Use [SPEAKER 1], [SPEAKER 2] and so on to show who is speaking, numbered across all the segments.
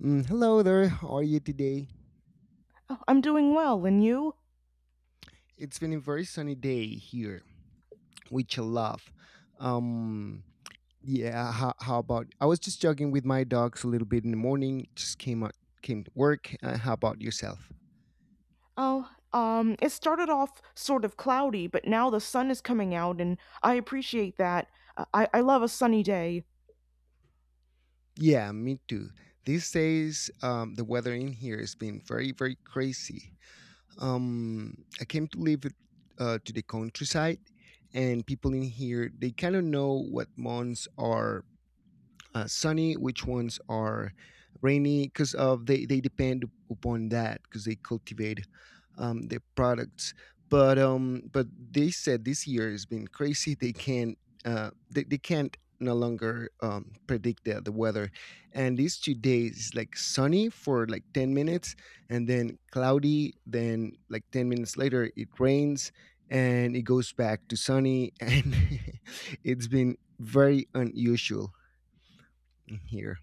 [SPEAKER 1] Hello there. How are you today?
[SPEAKER 2] Oh, I'm doing well, and you?
[SPEAKER 1] It's been a very sunny day here, which I love. Um, yeah. How about? I was just jogging with my dogs a little bit in the morning. Just came out, came to work. How about yourself?
[SPEAKER 2] Oh, it started off sort of cloudy, but now the sun is coming out, and I appreciate that. I love a sunny day.
[SPEAKER 1] Yeah, me too. These days, the weather in here has been very, very crazy. I came to live to the countryside, and people in here they kind of know what months are sunny, which ones are rainy, because of they depend upon that because they cultivate their products. But they said this year has been crazy. They can't they can't no longer predict the weather, and these 2 days is like sunny for like 10 minutes, and then cloudy, then like 10 minutes later it rains and it goes back to sunny and it's been very unusual here.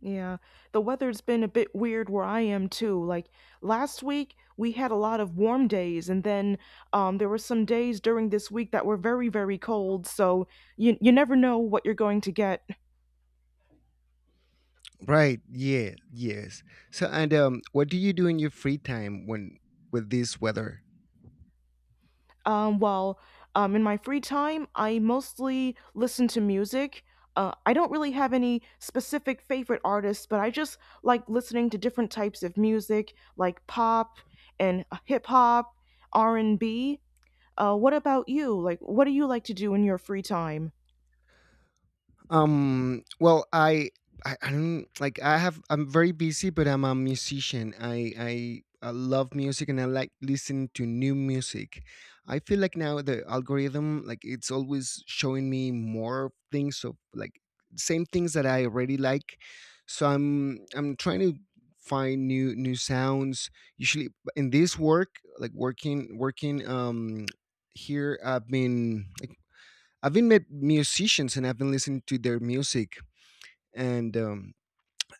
[SPEAKER 2] Yeah, the weather's been a bit weird where I am too. Like last week, we had a lot of warm days, and then there were some days during this week that were very, very cold, so you never know what you're going to get.
[SPEAKER 1] Right. Yeah. Yes. So, and what do you do in your free time when with this weather?
[SPEAKER 2] Um, well, in my free time, I mostly listen to music. I don't really have any specific favorite artists, but I just like listening to different types of music, like pop and hip hop, R and B. What about you? Like, what do you like to do in your free time?
[SPEAKER 1] Well, I don't like. I have. I'm very busy, but I'm a musician. I love music, and I like listening to new music. I feel like now the algorithm, like, it's always showing me more things of like same things that I already like. So I'm trying to find new sounds usually in this work like working. Here I've been met musicians and I've been listening to their music. And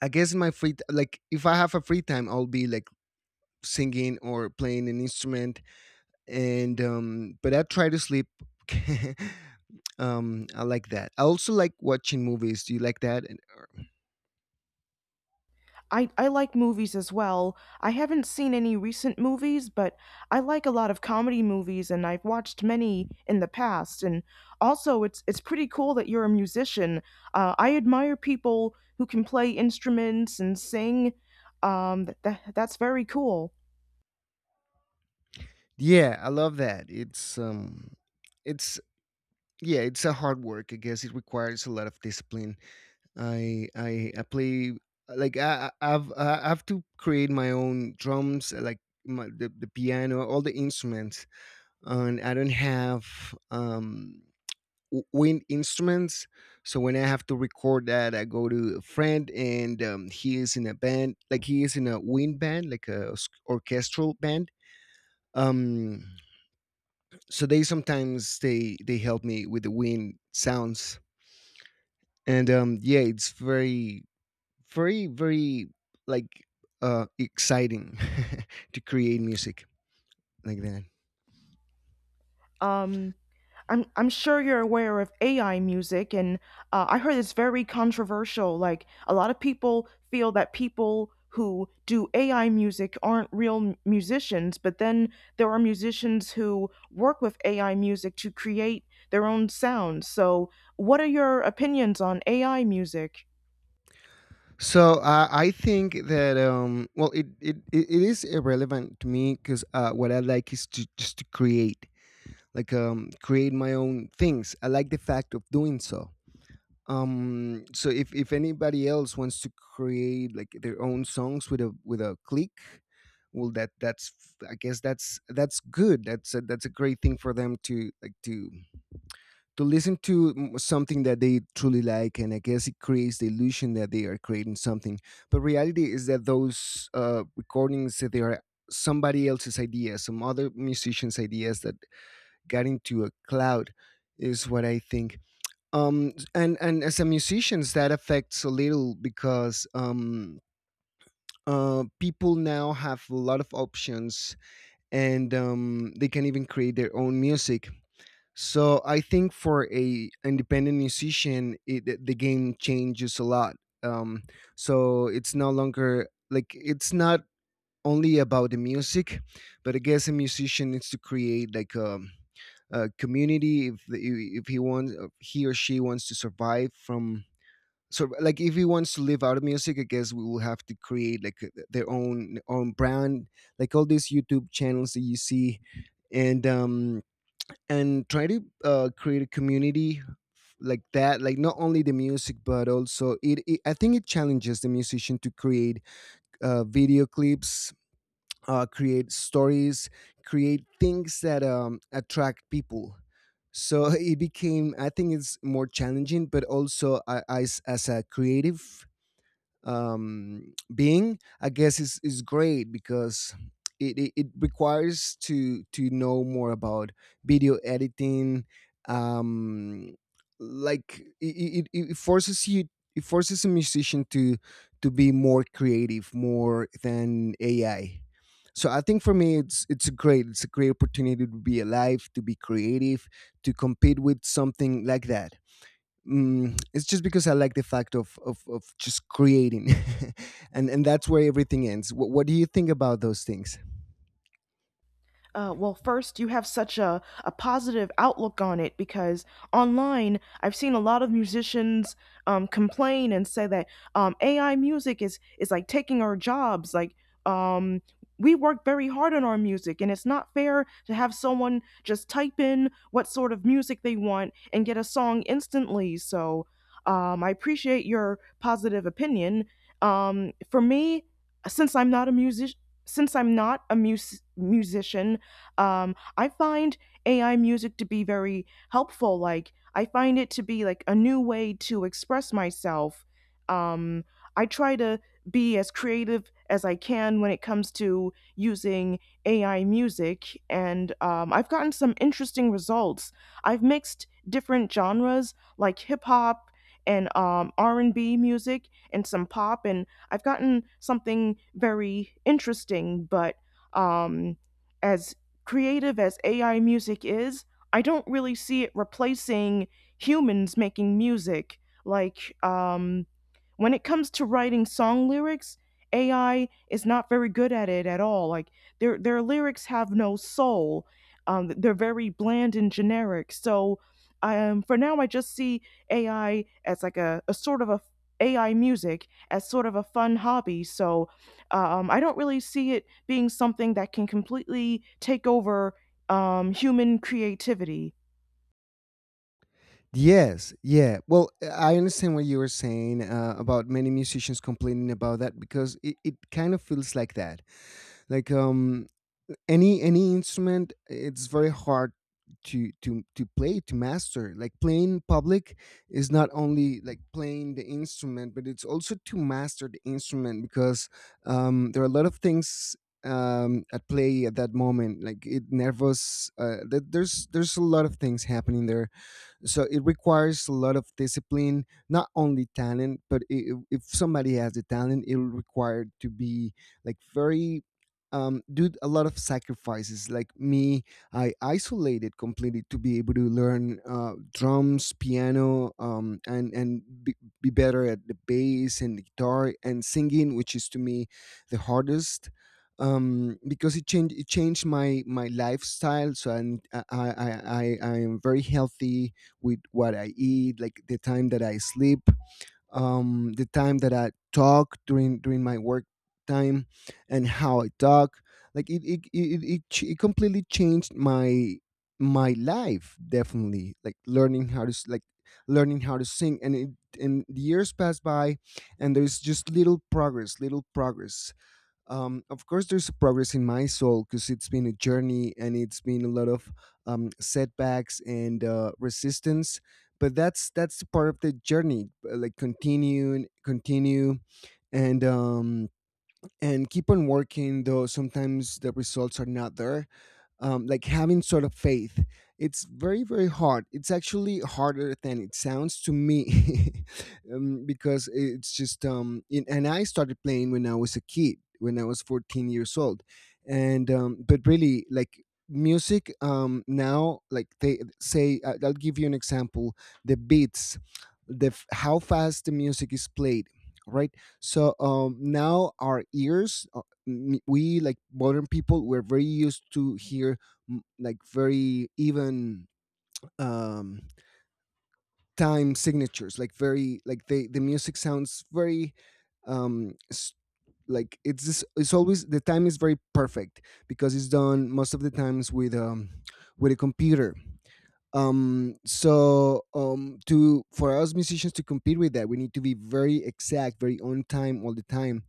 [SPEAKER 1] I guess in my like if I have a free time, I'll be like singing or playing an instrument. And But I try to sleep. I like that. I also like watching movies. Do you like that?
[SPEAKER 2] I like movies as well. I haven't seen any recent movies, but I like a lot of comedy movies and I've watched many in the past. And also, it's pretty cool that you're a musician. I admire people who can play instruments and sing. That's very cool.
[SPEAKER 1] Yeah, I love that. It's yeah, it's a hard work. I guess it requires a lot of discipline. I play like I have to create my own drums, like my, the piano, all the instruments. And I don't have wind instruments, so when I have to record that I go to a friend and he is in a band, like he is in a wind band, like orchestral band. um so they sometimes they help me with the wind sounds. And Yeah, it's very, very like exciting to create music like that.
[SPEAKER 2] Um, I'm sure you're aware of AI music, and I heard it's very controversial. Like a lot of people feel that people who do AI music aren't real musicians, but then there are musicians who work with AI music to create their own sounds. So, what are your opinions on AI music?
[SPEAKER 1] I think that well it is irrelevant to me because what I like is to just to create, like create my own things. I like the fact of doing so. If anybody else wants to create like their own songs with a click, well that that's I guess that's that's a great thing for them to like to listen to something that they truly like. And I guess it creates the illusion that they are creating something, but reality is that those recordings that they are somebody else's ideas, some other musicians ideas that got into a cloud, is what I think. And as a musicians, that affects a little because people now have a lot of options, and they can even create their own music. So I think for a independent the game changes a lot. um so it's no longer like, it's not only about the music, but I guess a musician needs to create like a community if if he wants, if he or she wants to survive from. So like if he wants to live out of music, I guess we will have to create like their own brand, like all these YouTube channels that you see. And um and try to create a community like that, like not only the music but also it I think it challenges the musician to create video clips, create stories, create things that attract people. So it became, I think it's more challenging, but also as a creative being, I guess is great because it requires to know more about video editing. Um, like it forces you, it forces a musician to be more creative, more than AI. So I think for me it's great. It's a great opportunity to be alive, to be creative, to compete with something like that. It's just because I like the fact of of just creating, and that's where everything ends. What do you think about those things?
[SPEAKER 2] Well, first, you have such a positive outlook on it because online, I've seen a lot of musicians complain and say that AI music is like taking our jobs. Like, um, we work very hard on our music, and it's not fair to have someone just type in what sort of music they want and get a song instantly. So, I appreciate your positive opinion. For me, since I'm not a music, since I'm not a musician, I find AI music to be very helpful. Like, I find it to be like a new way to express myself. Um, I try to be as creative as I can when it comes to using AI music, and I've gotten some interesting results. I've mixed different genres like hip hop and R&B music and some pop, and I've gotten something very interesting. But um, as creative as AI music is, I don't really see it replacing humans making music. Like, when it comes to writing song lyrics, AI is not very good at it at all. Like, their lyrics have no soul. They're very bland and generic. So, for now, I just see AI as like a sort of a AI music as sort of a fun hobby. So, I don't really see it being something that can completely take over human creativity.
[SPEAKER 1] Yes, yeah. Well, I understand what you were saying about many musicians complaining about that because it kind of feels like that. Like any instrument, it's very hard to to play, to master. Like playing in public is not only like playing the instrument, but it's also to master the instrument because there are a lot of things at play at that moment, like it nervous, there's a lot of things happening there. So it requires a lot of discipline, not only talent, but I if somebody has the talent, it'll require to be like very do a lot of sacrifices. Like me, I isolated completely to be able to learn drums, piano, and be better at the bass and the guitar and singing, which is to me the hardest, because it changed my my lifestyle. I i I am very healthy with what I eat, like the time that I sleep, the time that I talk during my work time, and how I talk. Like it completely changed my life, definitely, like learning how to like learning how to sing. And it and the years pass by, and there's just little progress. Of course, there's progress in my soul because it's been a journey, and it's been a lot of setbacks and resistance. But that's the part of the journey, like continue, and continue, and um, and keep on working. Though sometimes the results are not there, like having sort of faith. It's very, very hard. It's actually harder than it sounds to me because it's just, and I started playing when I was a kid, when I was 14 years old. But really, like, music now like they say I'll give you an example. The beats, how fast the music is played, right? So now our ears, we like modern people, we're very used to hear, like very even um time signatures, like very like the music sounds very um s- like it's just, it's always the time is very perfect because it's done most of the times with a computer. To for us musicians to compete with that, we need to be very exact, very on time all the time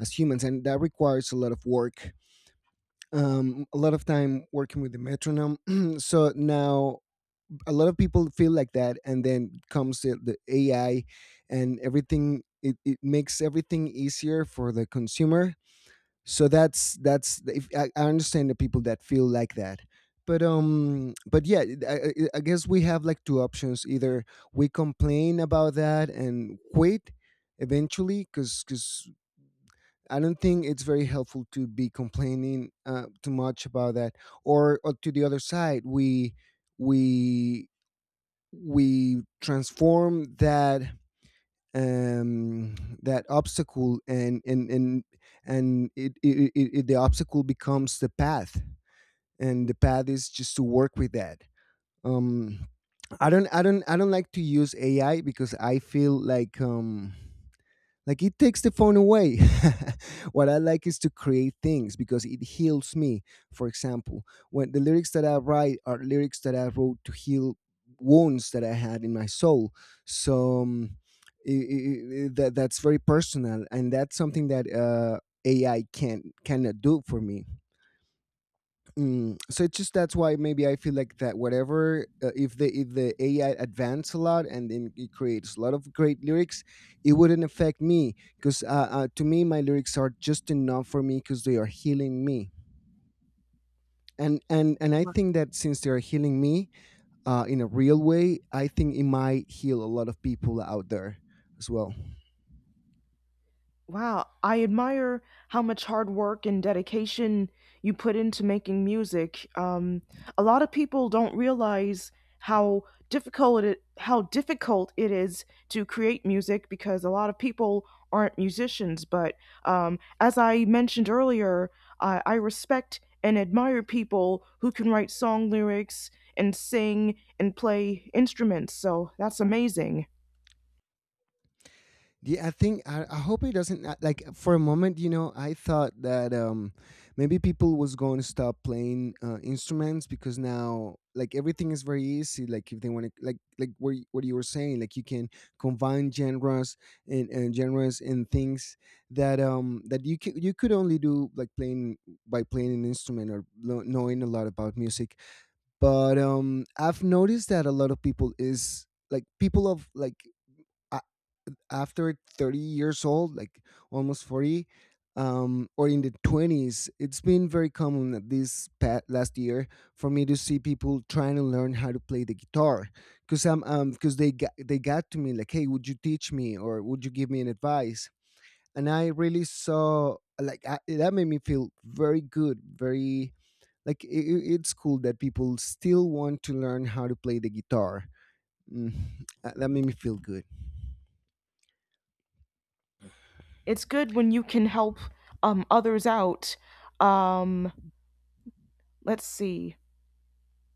[SPEAKER 1] as humans, and that requires a lot of work, a lot of time working with the metronome. So now a lot of people feel like that, and then comes the AI and everything. It makes everything easier for the consumer. So that's the- if, I understand the people that feel like that. But yeah, I guess we have like two options: either we complain about that and quit eventually, because I don't think it's very helpful to be complaining too much about that. Or to the other side, we we transform that um, that obstacle, and it, it the obstacle becomes the path, and the path is just to work with that. Um, I don't like to use AI because I feel like it takes the phone away. What I like is to create things because it heals me. For example, when the lyrics that I write are lyrics that I wrote to heal wounds that I had in my soul. So that that's very personal, and that's something that AI can cannot do for me. Mm, so it's just that's why maybe I feel like that. Whatever, if the AI advance a lot, and then it creates a lot of great lyrics, it wouldn't affect me because to me my lyrics are just enough for me because they are healing me. And I think that since they are healing me in a real way, I think it might heal a lot of people out there as well.
[SPEAKER 2] Wow, I admire how much hard work and dedication you put into making music. A lot of people don't realize how how difficult it is to create music because a lot of people aren't musicians. But as I mentioned earlier, I respect and admire people who can write song lyrics and sing and play instruments. So that's amazing.
[SPEAKER 1] Yeah, I think I hope it doesn't, like, for a moment. You know, I thought that maybe people was going to stop playing instruments because now like everything is very easy. Like if they want to, like what you were saying, like you can combine genres and genres and things that that you could only do like playing by playing an instrument, or knowing a lot about music. But I've noticed that a lot of people is, like, people of, like, after 30 years old, like almost 40, or in the 20s. It's been very common that last year for me to see people trying to learn how to play the guitar, because I'm because they got to me like, hey, would you teach me, or would you give me an advice? And I really saw, that made me feel very good, very, it's cool that people still want to learn how to play the guitar. Mm, that made me feel good.
[SPEAKER 2] It's good when you can help others out. Um, let's see.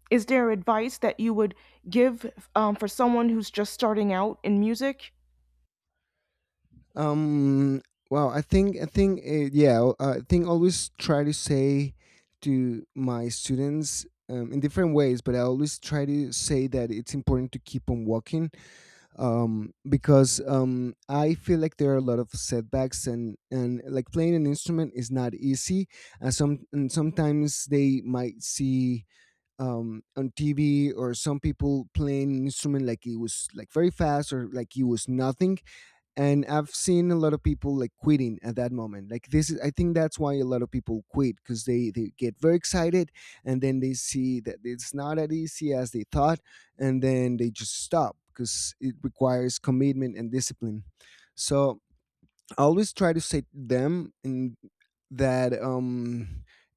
[SPEAKER 2] Is there advice that you would give for someone who's just starting out in music?
[SPEAKER 1] Um. Well, I think, yeah. Well, I think, always try to say to my students, in different ways, but I always try to say that it's important to keep on walking, because I feel like there are a lot of setbacks, and like playing an instrument is not easy. And sometimes they might see, on TV, or some people playing an instrument like it was, like, very fast, or like it was nothing, and I've seen a lot of people, like, quitting at that moment. Like, this is I think that's why a lot of people quit, because they get very excited, and then they see that it's not as easy as they thought, and then they just stop because it requires commitment and discipline. So I always try to say to them, in that,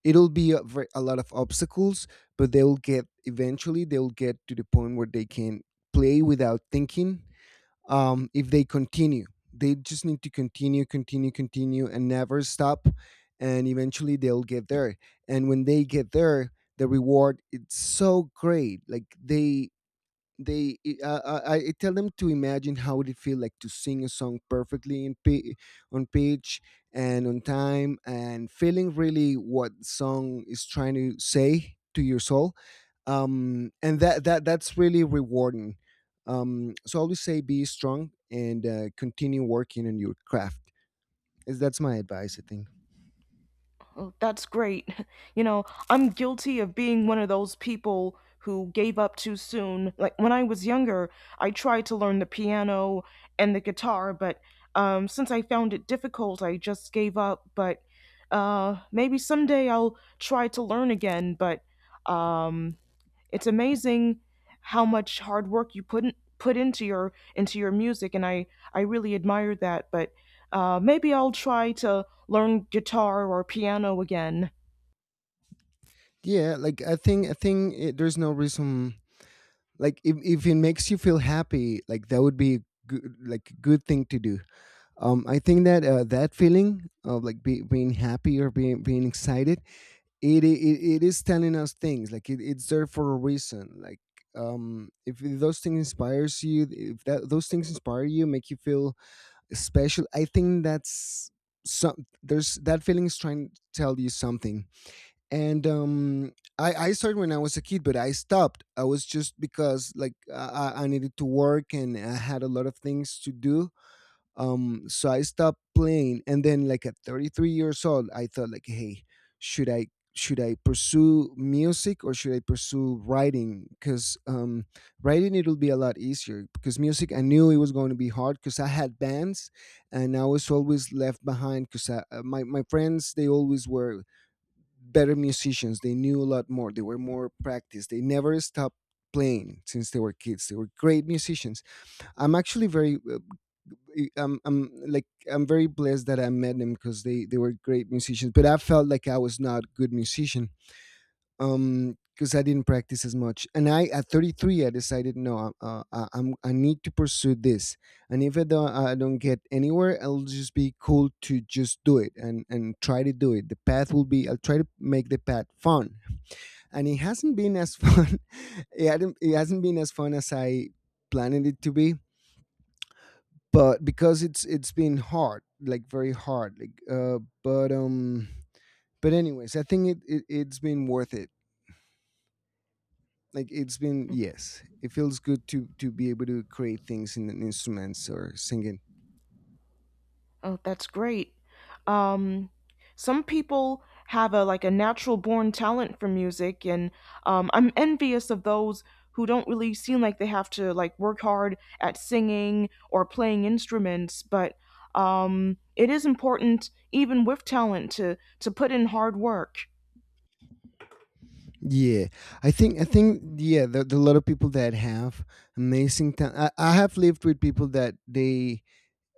[SPEAKER 1] it'll be a lot of obstacles, but they'll get eventually they'll get to the point where they can play without thinking, if they continue. They just need to continue, continue, continue, and never stop. And eventually they'll get there. And when they get there, the reward, it's so great. Like I tell them, to imagine how would it feel like to sing a song perfectly on pitch, and on time, and feeling really what song is trying to say to your soul. And that's really rewarding. So I always say, be strong and continue working on your craft. Is That's my advice, I think.
[SPEAKER 2] Oh, that's great. You know, I'm guilty of being one of those people who gave up too soon. Like when I was younger, I tried to learn the piano and the guitar, but since I found it difficult, I just gave up. But maybe someday I'll try to learn again. But um, it's amazing how much hard work you put in, put into your music, and I really admire that. But maybe I'll try to learn guitar or piano again.
[SPEAKER 1] Yeah, like I think there's no reason. Like, if it makes you feel happy, like that would be good, like a good thing to do. I think that, that feeling of like, being happy, or being excited, it is telling us things. Like, it's there for a reason. Like, if those things inspires you, if that those things inspire you, make you feel special, I think that's... some There's that feeling is trying to tell you something. And, I started when I was a kid, but I stopped. I was just Because, like, I needed to work, and I had a lot of things to do. So I stopped playing, and then, like, at 33 years old, I thought, like, hey, should i should I pursue music, or should I pursue writing? Because, writing, it'll be a lot easier, because music, I knew it was going to be hard, because I had bands, and I was always left behind because my friends, they always were better musicians, they knew a lot more, they were more practiced, they never stopped playing since they were kids. They were great musicians. I'm actually very, I'm very blessed that I met them, because they were great musicians. But I felt like I was not good musician, because I didn't practice as much. And I, at 33, I decided, no, I need to pursue this. And if I don't I don't get anywhere, I'll just be cool to just do it, and try to do it. The path will be I'll try to make the path fun. And it hasn't been as fun. It hasn't been as fun as I planned it to be, but because it's been hard, like very hard, like, but, but anyways, I think it's been worth it. Like, it's been, yes, it feels good to be able to create things in an instruments, or singing.
[SPEAKER 2] Oh, that's great. Um, some people have a like a natural born talent for music, and I'm envious of those who don't really seem like they have to like work hard at singing or playing instruments. But it is important, even with talent, to put in hard work.
[SPEAKER 1] Yeah, I think, yeah, there are a lot of people that have amazing time. I have lived with people that they,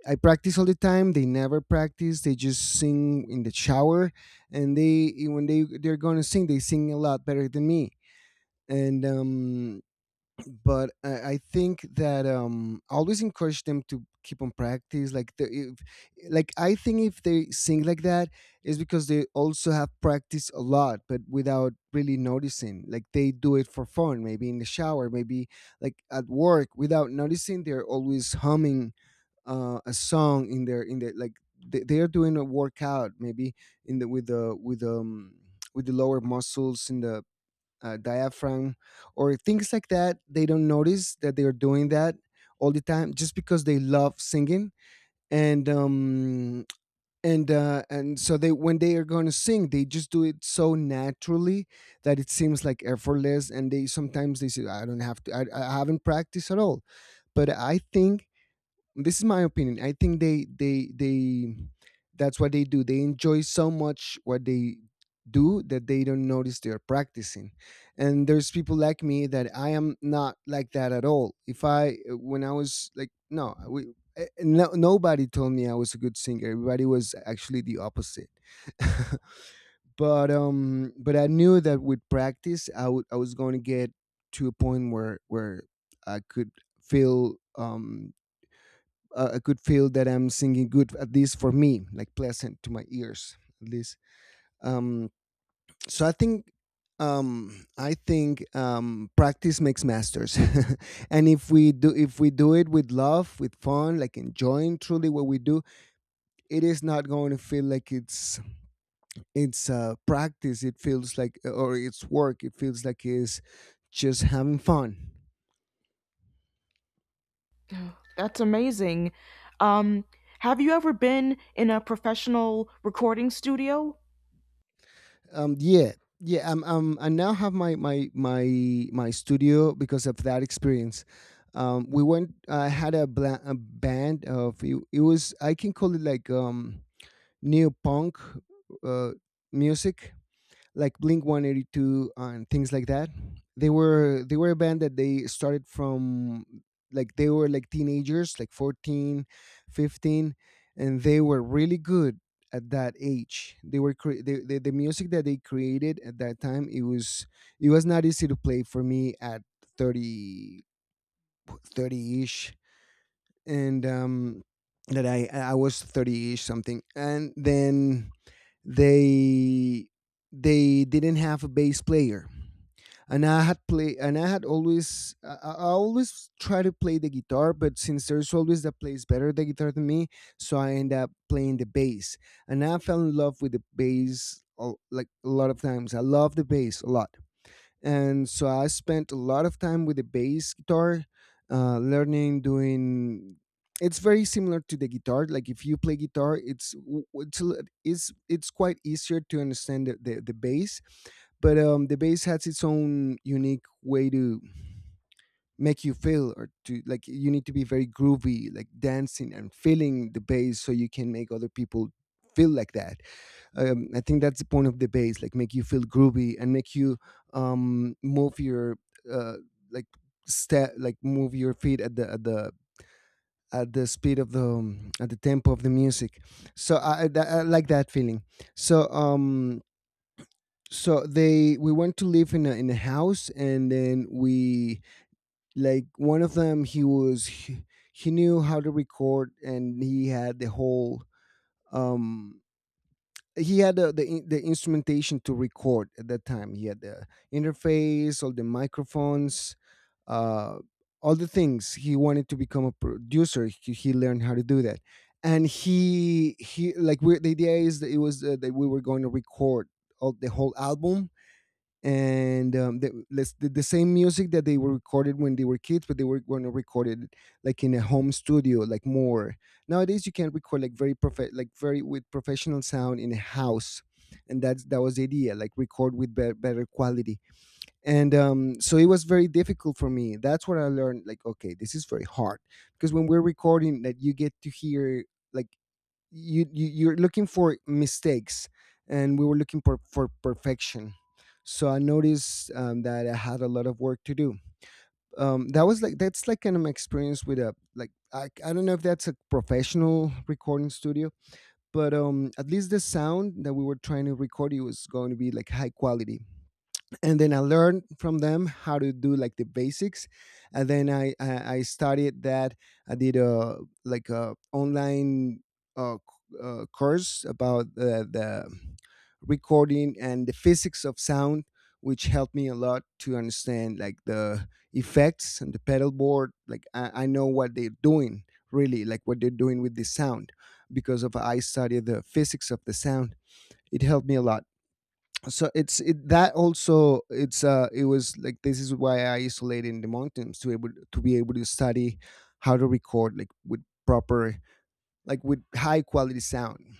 [SPEAKER 1] I practice all the time, they never practice, they just sing in the shower, and they when they're gonna sing, they sing a lot better than me. And, um, but I think that, I always encourage them to keep on practice. Like, the, if, like, I think if they sing like that, is because they also have practiced a lot, but without really noticing. Like, they do it for fun, maybe in the shower, maybe like at work, without noticing. They're always humming a song in their like, they are doing a workout, maybe in the with the, with the lower muscles in the, diaphragm, or things like that, they don't notice that they are doing that all the time, just because they love singing. And um and uh and so they, when they are going to sing, they just do it so naturally, that it seems like effortless. And they sometimes they say, I haven't practiced at all. But I think, this is my opinion, I think, they that's what they do, they enjoy so much what they do that they don't notice they are practicing. And there's people like me that I am not like that at all. If I When I was, like, no we no, nobody told me I was a good singer, everybody was actually the opposite. But I knew that with practice I was going to get to a point where I could feel, I could feel that I'm singing good, at least for me, like pleasant to my ears, at least. Um, so I think, practice makes masters, and if we do it with love, with fun, like enjoying truly what we do, it is not going to feel like it's practice. It feels like, or it's work. It feels like it's just having fun.
[SPEAKER 2] That's amazing. Um, have you ever been in a professional recording studio?
[SPEAKER 1] Yeah, yeah, I now have my studio because of that experience. We went I had a band of, it was, I can call it like, neo punk uh music, like Blink 182 and things like that. They were a band that they started from, like, they were, like, teenagers, like 14, 15, and they were really good at that age. The music that they created at that time, it was not easy to play for me at 30, 30 ish. And that I was 30ish something. And then they they didn't have a bass player, and I had always, I always try to play the guitar, but since there's always that plays better the guitar than me, so I end up playing the bass. And I fell in love with the bass like, a lot of times, I love the bass a lot. And so I spent a lot of time with the bass guitar, learning, doing. It's very similar to the guitar. Like if you play guitar, it's w- it's a li- it's quite easier to understand the bass, but the bass has its own unique way to make you feel, or to like you need to be very groovy, like dancing and feeling the bass, so you can make other people feel like that. I think that's the point of the bass, like make you feel groovy and make you move your uh like step, like move your feet at the speed of the at the tempo of the music. So I like that feeling. So so they We went to live in a house, and then we, one of them, he knew how to record, and he had the whole um he had the instrumentation to record at that time. He had the interface, all the microphones, uh, all the things. He wanted to become a producer. He learned how to do that, and he like we the idea is that it was that we were going to record the whole album, and the same music that they were recorded when they were kids, but they were going to record it like in a home studio, like more. Nowadays, you can record like like very, with professional sound, in a house, and that was the idea, like record with better quality. And so it was very difficult for me. That's what I learned. Like, okay, this is very hard, because when we're recording, that you get to hear, like, you you're looking for mistakes, and we were looking for perfection. So I noticed, that I had a lot of work to do. That was like, that's like kind of my experience with a, like I don't know if that's a professional recording studio, but at least the sound that we were trying to record, it was going to be like high quality. And then I learned from them how to do like the basics, and then I studied that. I did a, like a online, course about the recording and the physics of sound, which helped me a lot to understand like the effects and the pedal board. Like I know what they're doing, really, like what they're doing with the sound, because of I studied the physics of the sound. It helped me a lot. So that also it was like, this is why I isolated in the mountains to able to be able to study how to record, like with proper, like with high quality sound.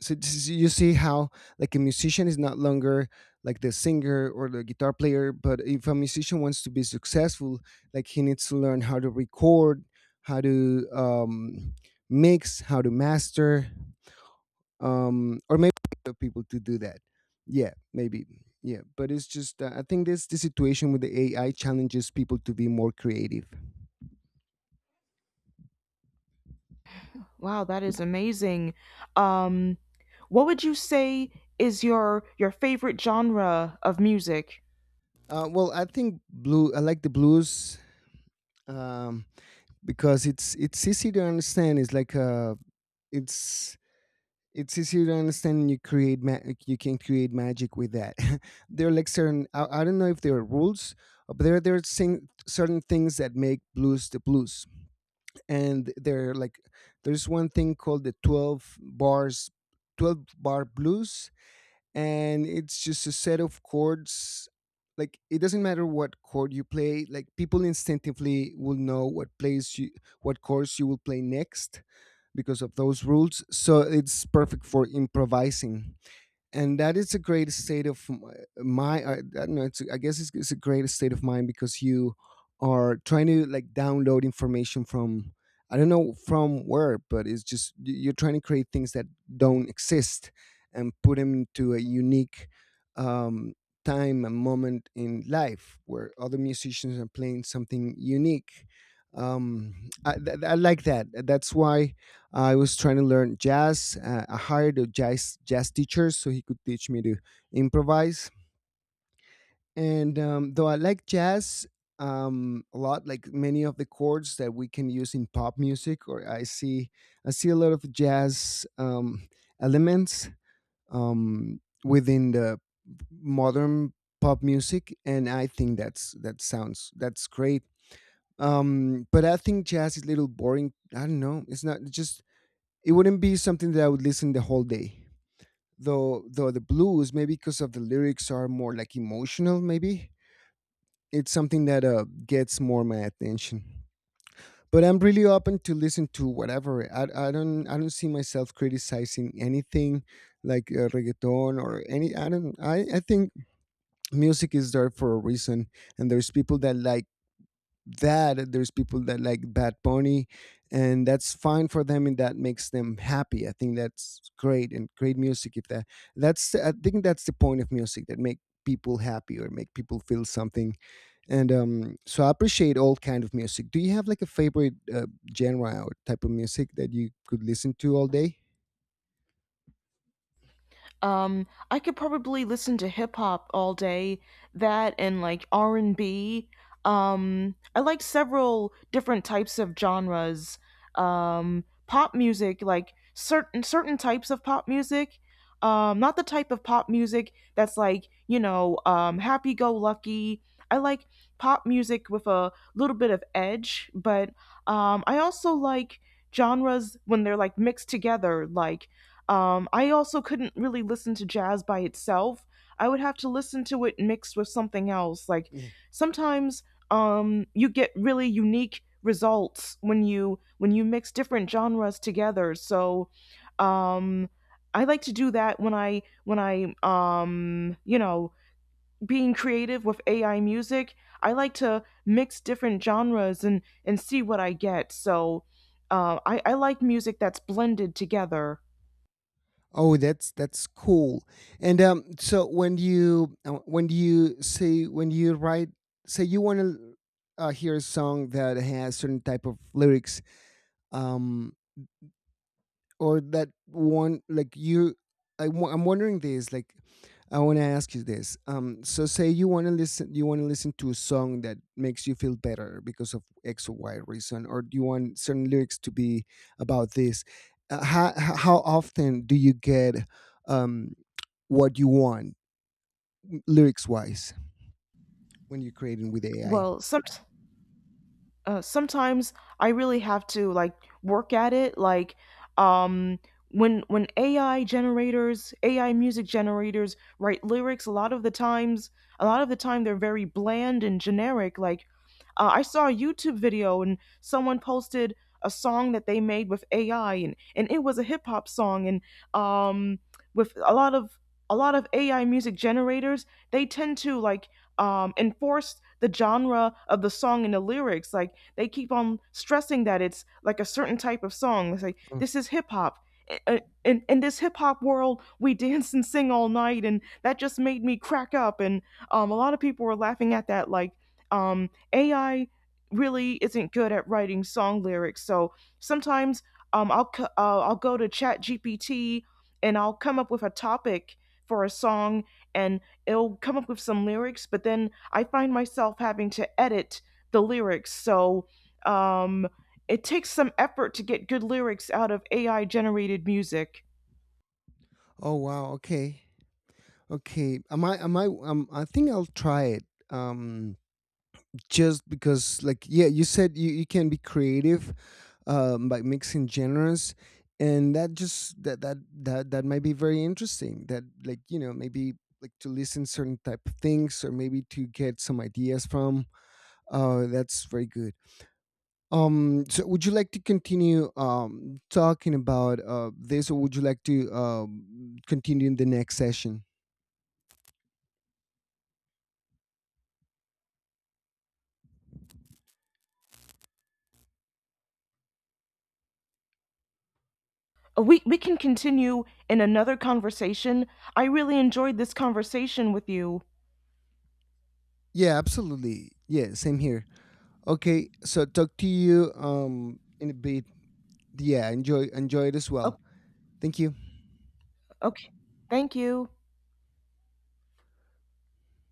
[SPEAKER 1] So you see how like a musician is not longer like the singer or the guitar player, but if a musician wants to be successful, like he needs to learn how to record, how to mix, how to master, or maybe other people to do that. Yeah, maybe. Yeah, but it's just, I think this, the situation with the AI challenges people to be more creative.
[SPEAKER 2] Wow, that is amazing. Um, what would you say is your favorite genre of music?
[SPEAKER 1] Well, I think blue I like the blues. um because it's easy to understand, it's like, it's it's easier to understand, and you create like, you can create magic with that. There are like certain, I don't know if there are rules, but there are certain things that make blues the blues. And there are like, there's one thing called the 12 bars, 12 bar blues, and it's just a set of chords. Like, it doesn't matter what chord you play, like people instinctively will know what plays you, what chords you will play next, because of those rules. So it's perfect for improvising, and that is a great state of my. I don't know. I guess it's a great state of mind because you are trying to like download information from, I don't know from where, but it's just you're trying to create things that don't exist and put them into a unique, um, time and moment in life where other musicians are playing something unique. I like that. That's why I was trying to learn jazz. I hired a jazz teacher so he could teach me to improvise. And though I like jazz a lot, like many of the chords that we can use in pop music, or I see a lot of jazz elements within the modern pop music, and I think that's great. But I think jazz is a little boring. I don't know. It's not just, it wouldn't be something that I would listen the whole day. Though the blues, maybe because of the lyrics are more like emotional, maybe it's something that gets more my attention. But I'm really open to listen to whatever. I don't see myself criticizing anything, like reggaeton or any. I don't. I think music is there for a reason, and there's people that like that, there's people that like bad pony, and that's fine for them, and that makes them happy. I think that's great, and great music, if that, that's I think that's the point of music, that make people happy or make people feel something. And so I appreciate all kind of music. Do you have like a favorite genre or type of music that you could listen to all day?
[SPEAKER 2] I could probably listen to hip hop all day, that and like R and B. I like several different types of genres. Pop music, like certain types of pop music. Not the type of pop music that's like you know happy go lucky. I like pop music with a little bit of edge, but I also like genres when they're like mixed together, like I also couldn't really listen to jazz by itself. I would have to listen to it mixed with something else. Like
[SPEAKER 1] Yeah.
[SPEAKER 2] sometimes you get really unique results when you mix different genres together. So um, I like to do that when I you know, being creative with AI music. I like to mix different genres and see what I get. So I like music that's blended together.
[SPEAKER 1] Oh, that's cool. And so when you say when you write, say you want to hear a song that has certain type of lyrics, um, or that one, like you, I'm wondering this, like, I want to ask you this, so say you want to listen to a song that makes you feel better because of x or y reason, or do you want certain lyrics to be about this? How often do you get um what you want, lyrics wise, when you're creating with AI?
[SPEAKER 2] Well, some sometimes I really have to like work at it. Like um, when AI generators, AI music generators write lyrics, a lot of the times, a lot of the time they're very bland and generic. Like I saw a YouTube video and someone posted a song that they made with AI, and it was a hip hop song, and um, with a lot of AI music generators, they tend to like enforce the genre of the song and the lyrics. Like they keep on stressing that it's like a certain type of song. They say,
[SPEAKER 1] Oh.
[SPEAKER 2] this is hip hop. In, in this hip hop world, we dance and sing all night, and that just made me crack up. And a lot of people were laughing at that, like, AI really isn't good at writing song lyrics. So sometimes um, I'll, I'll go to Chat GPT and I'll come up with a topic for a song and it'll come up with some lyrics, but then I find myself having to edit the lyrics. So um, it takes some effort to get good lyrics out of AI generated music.
[SPEAKER 1] Oh wow, okay. Okay, am I I think I'll try it, just because, like, yeah, you said you can be creative, by mixing genres, and that just that might be very interesting, that, like, you know, maybe like to listen certain type of things, or maybe to get some ideas from. That's very good. So would you like to continue talking about this, or would you like to continue in the next session?
[SPEAKER 2] We can continue in another conversation. I really enjoyed this conversation with you.
[SPEAKER 1] Yeah, absolutely. Yeah, same here. Okay, so talk to you in a bit. Yeah, enjoy it as well.
[SPEAKER 2] Oh,
[SPEAKER 1] Thank you.
[SPEAKER 2] okay. Thank you.